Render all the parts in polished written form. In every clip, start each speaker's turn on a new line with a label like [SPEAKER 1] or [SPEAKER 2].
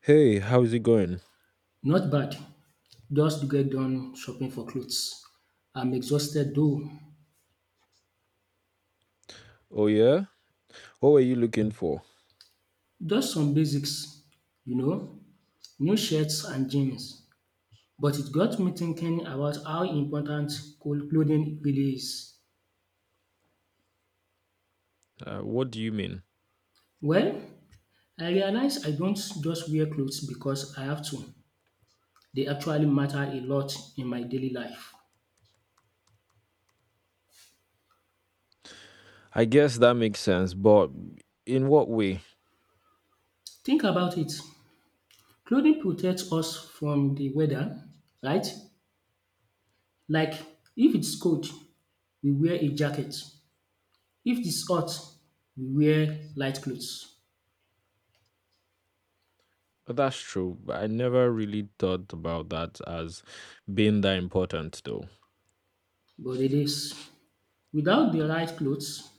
[SPEAKER 1] Hey, how's it going?
[SPEAKER 2] Not bad. Just get done shopping for clothes. I'm exhausted though.
[SPEAKER 1] Oh, yeah? What were you looking for?
[SPEAKER 2] Just some basics, you know, new shirts and jeans. But it got me thinking about how important cool clothing really is.
[SPEAKER 1] What do you mean?
[SPEAKER 2] Well, I realize I don't just wear clothes because I have to. They actually matter a lot in my daily life.
[SPEAKER 1] I guess that makes sense, but in what way?
[SPEAKER 2] Think about it. Clothing protects us from the weather, right? Like if it's cold, we wear a jacket. If it's hot, we wear light clothes.
[SPEAKER 1] That's true. I never really thought about that as being that important, though.
[SPEAKER 2] But it is. Without the right clothes,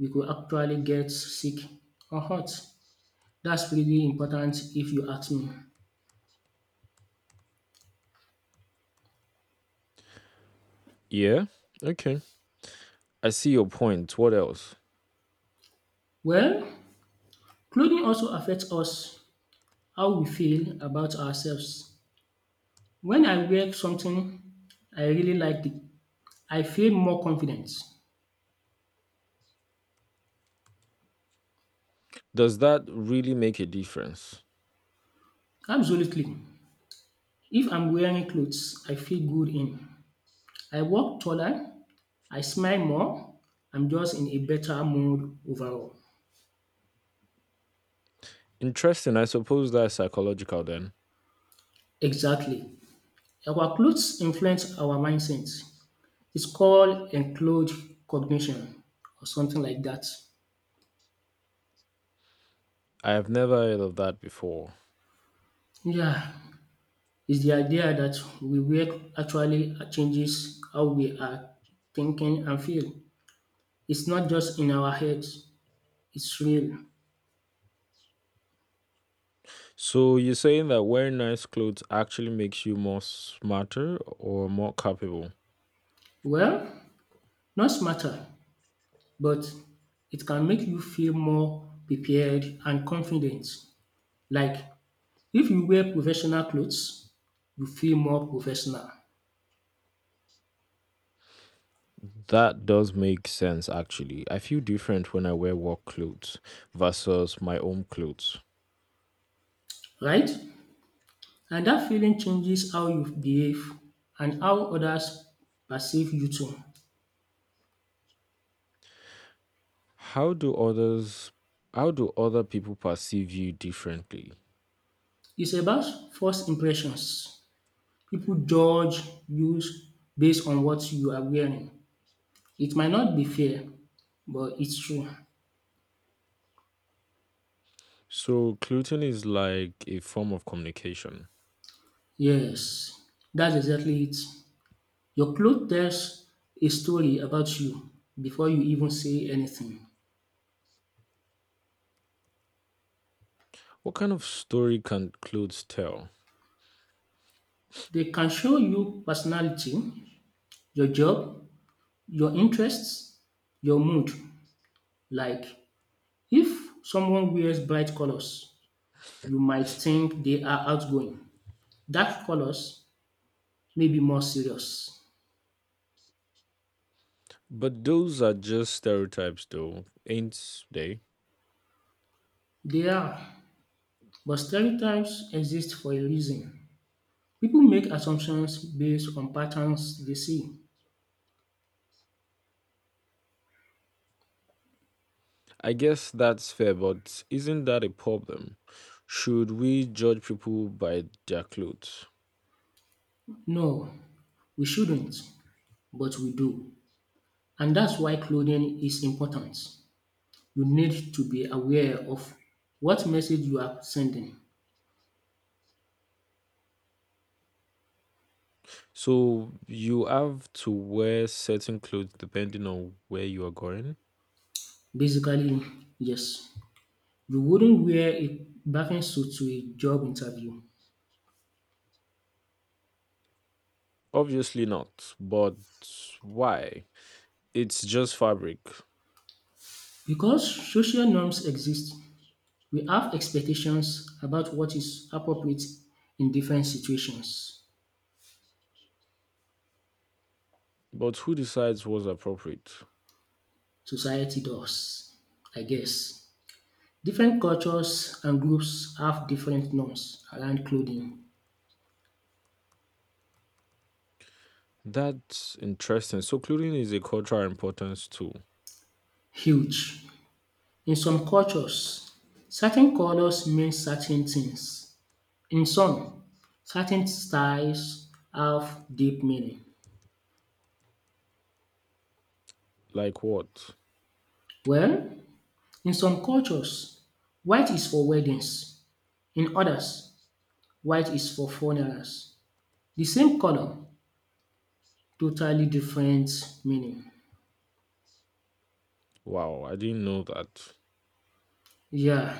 [SPEAKER 2] we could actually get sick or hot. That's really important if you ask me.
[SPEAKER 1] Yeah? Okay. I see your point. What else?
[SPEAKER 2] Well, clothing also affects us how we feel about ourselves. When I wear something I really like it, I feel more confident.
[SPEAKER 1] Does that really make a difference?
[SPEAKER 2] Absolutely. If I'm wearing clothes I feel good in, I walk taller, I smile more, I'm just in a better mood overall.
[SPEAKER 1] Interesting. I suppose that's psychological then.
[SPEAKER 2] Exactly. Our clothes influence our mindset. It's called enclosed cognition or something like that.
[SPEAKER 1] I have never heard of that before.
[SPEAKER 2] Yeah, it's the idea that we wear actually changes how we are thinking and feel. It's not just in our heads, it's real.
[SPEAKER 1] So you're saying that wearing nice clothes actually makes you more smarter or more capable?
[SPEAKER 2] Well, not smarter, but it can make you feel more prepared and confident. Like if you wear professional clothes, you feel more professional,
[SPEAKER 1] That does make sense actually. I feel different when I wear work clothes versus my own clothes.
[SPEAKER 2] right? And that feeling changes how you behave and how others perceive you too.
[SPEAKER 1] How do others how do other people perceive you differently?
[SPEAKER 2] It's about first impressions. People judge you based on what you are wearing. It might not be fair, but it's true.
[SPEAKER 1] So clothing is like a form of communication.
[SPEAKER 2] Yes, that's exactly it. Your clothes tells a story about you before you even say anything.
[SPEAKER 1] What kind of story can clothes tell?
[SPEAKER 2] They can show you personality, your job, your interests, your mood. Like if someone wears bright colors, you might think they are outgoing. Dark colors may be more serious.
[SPEAKER 1] But those are just stereotypes though, ain't they?
[SPEAKER 2] They are, but stereotypes exist for a reason. People make assumptions based on patterns they see.
[SPEAKER 1] I guess that's fair, but isn't that a problem? Should we judge people by their clothes?
[SPEAKER 2] No, we shouldn't, but we do. And that's why clothing is important. You need to be aware of what message you are sending.
[SPEAKER 1] So you have to wear certain clothes depending on where you are going?
[SPEAKER 2] Basically, yes. You wouldn't wear a bathing suit to a job interview.
[SPEAKER 1] Obviously not, but why? It's just fabric.
[SPEAKER 2] Because social norms exist, we have expectations about what is appropriate in different situations.
[SPEAKER 1] But who decides what's appropriate?
[SPEAKER 2] Society does, I guess. Different cultures and groups have different norms around clothing.
[SPEAKER 1] That's interesting. So clothing is a cultural importance too.
[SPEAKER 2] Huge. In some cultures, certain colors mean certain things. In some, certain styles have deep meaning.
[SPEAKER 1] Like what?
[SPEAKER 2] Well, in some cultures, white is for weddings. In others, white is for funerals. The same color, totally different meaning.
[SPEAKER 1] Wow, I didn't know that.
[SPEAKER 2] Yeah,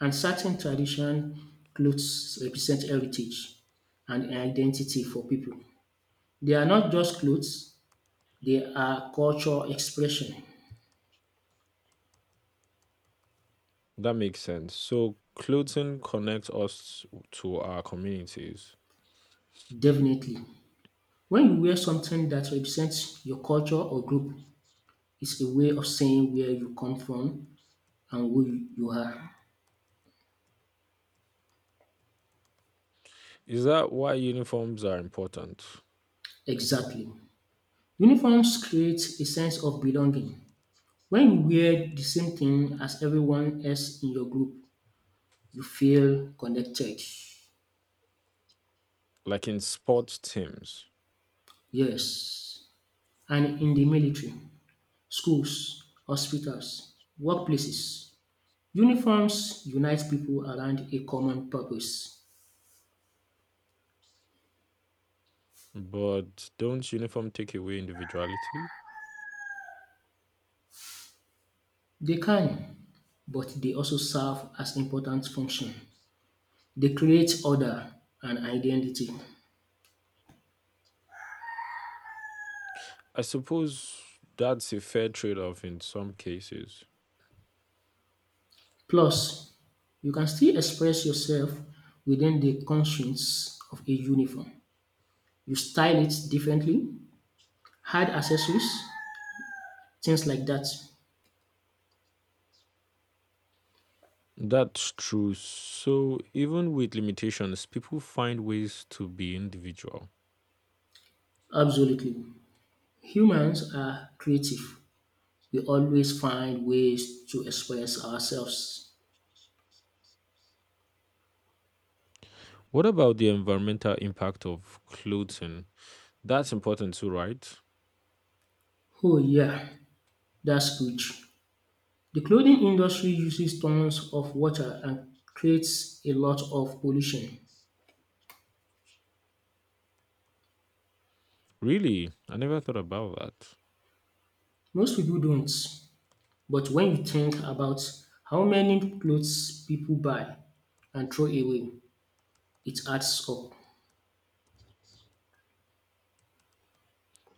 [SPEAKER 2] and certain tradition clothes represent heritage and identity for people. They are not just clothes, they are culture expression.
[SPEAKER 1] That makes sense. So clothing connects us to our communities.
[SPEAKER 2] Definitely. When you wear something that represents your culture or group, it's a way of saying where you come from and who you are.
[SPEAKER 1] Is that why uniforms are important?
[SPEAKER 2] Exactly. Uniforms create a sense of belonging. When you wear the same thing as everyone else in your group, you feel connected.
[SPEAKER 1] Like in sports teams?
[SPEAKER 2] Yes. And in the military, schools, hospitals, workplaces, uniforms unite people around a common purpose.
[SPEAKER 1] But don't uniform take away individuality?
[SPEAKER 2] They can, but they also serve as important function. They create order and identity.
[SPEAKER 1] I suppose that's a fair trade-off in some cases.
[SPEAKER 2] Plus, you can still express yourself within the constraints of a uniform. You style it differently, add accessories, things like that.
[SPEAKER 1] That's true. So even with limitations, people find ways to be individual.
[SPEAKER 2] Absolutely. Humans are creative. We always find ways to express ourselves.
[SPEAKER 1] What about the environmental impact of clothing? That's important too, right?
[SPEAKER 2] Oh, yeah, that's good. The clothing industry uses tons of water and creates a lot of pollution.
[SPEAKER 1] Really, I never thought about that.
[SPEAKER 2] Most people don't. But when you think about how many clothes people buy and throw away, it adds up.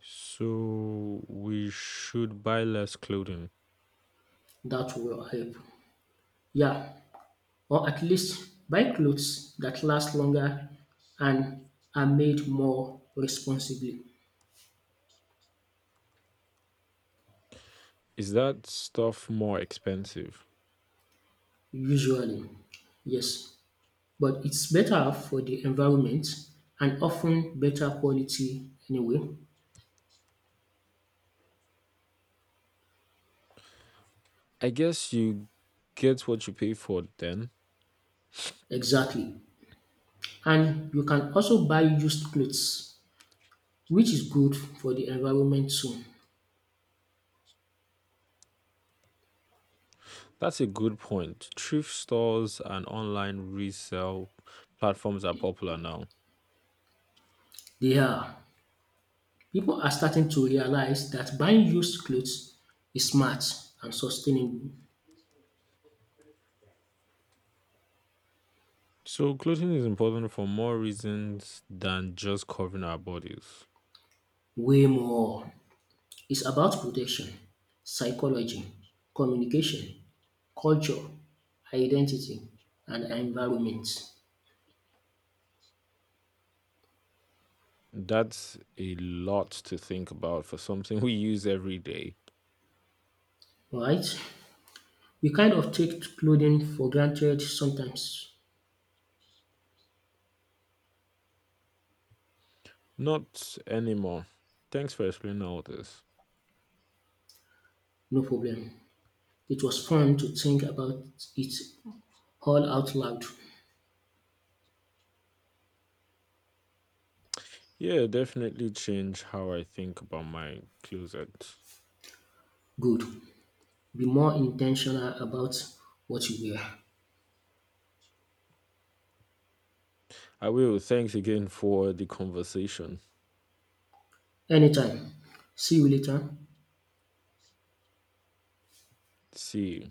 [SPEAKER 1] So we should buy less clothing.
[SPEAKER 2] That will help. Yeah, or at least buy clothes that last longer and are made more responsibly,
[SPEAKER 1] Is that stuff more expensive?
[SPEAKER 2] usually. Yes, but it's better for the environment and often better quality anyway.
[SPEAKER 1] I guess you get what you pay for then.
[SPEAKER 2] Exactly. And you can also buy used clothes, which is good for the environment too.
[SPEAKER 1] That's a good point. Thrift stores and online resale platforms are popular now.
[SPEAKER 2] They are. People are starting to realize that buying used clothes is smart and sustainable
[SPEAKER 1] So, clothing is important for more reasons than just covering our bodies.
[SPEAKER 2] way more. It's about protection, psychology, communication, culture, identity, and environment.
[SPEAKER 1] That's a lot to think about for something we use every day.
[SPEAKER 2] Right? We kind of take clothing for granted sometimes.
[SPEAKER 1] Not anymore. Thanks for explaining all this.
[SPEAKER 2] No problem. It was fun to think about it all out loud.
[SPEAKER 1] Yeah, definitely change how I think about my closet.
[SPEAKER 2] Good. Be more intentional about what you wear.
[SPEAKER 1] I will. Thanks again for the conversation.
[SPEAKER 2] Anytime. See you later.
[SPEAKER 1] See you.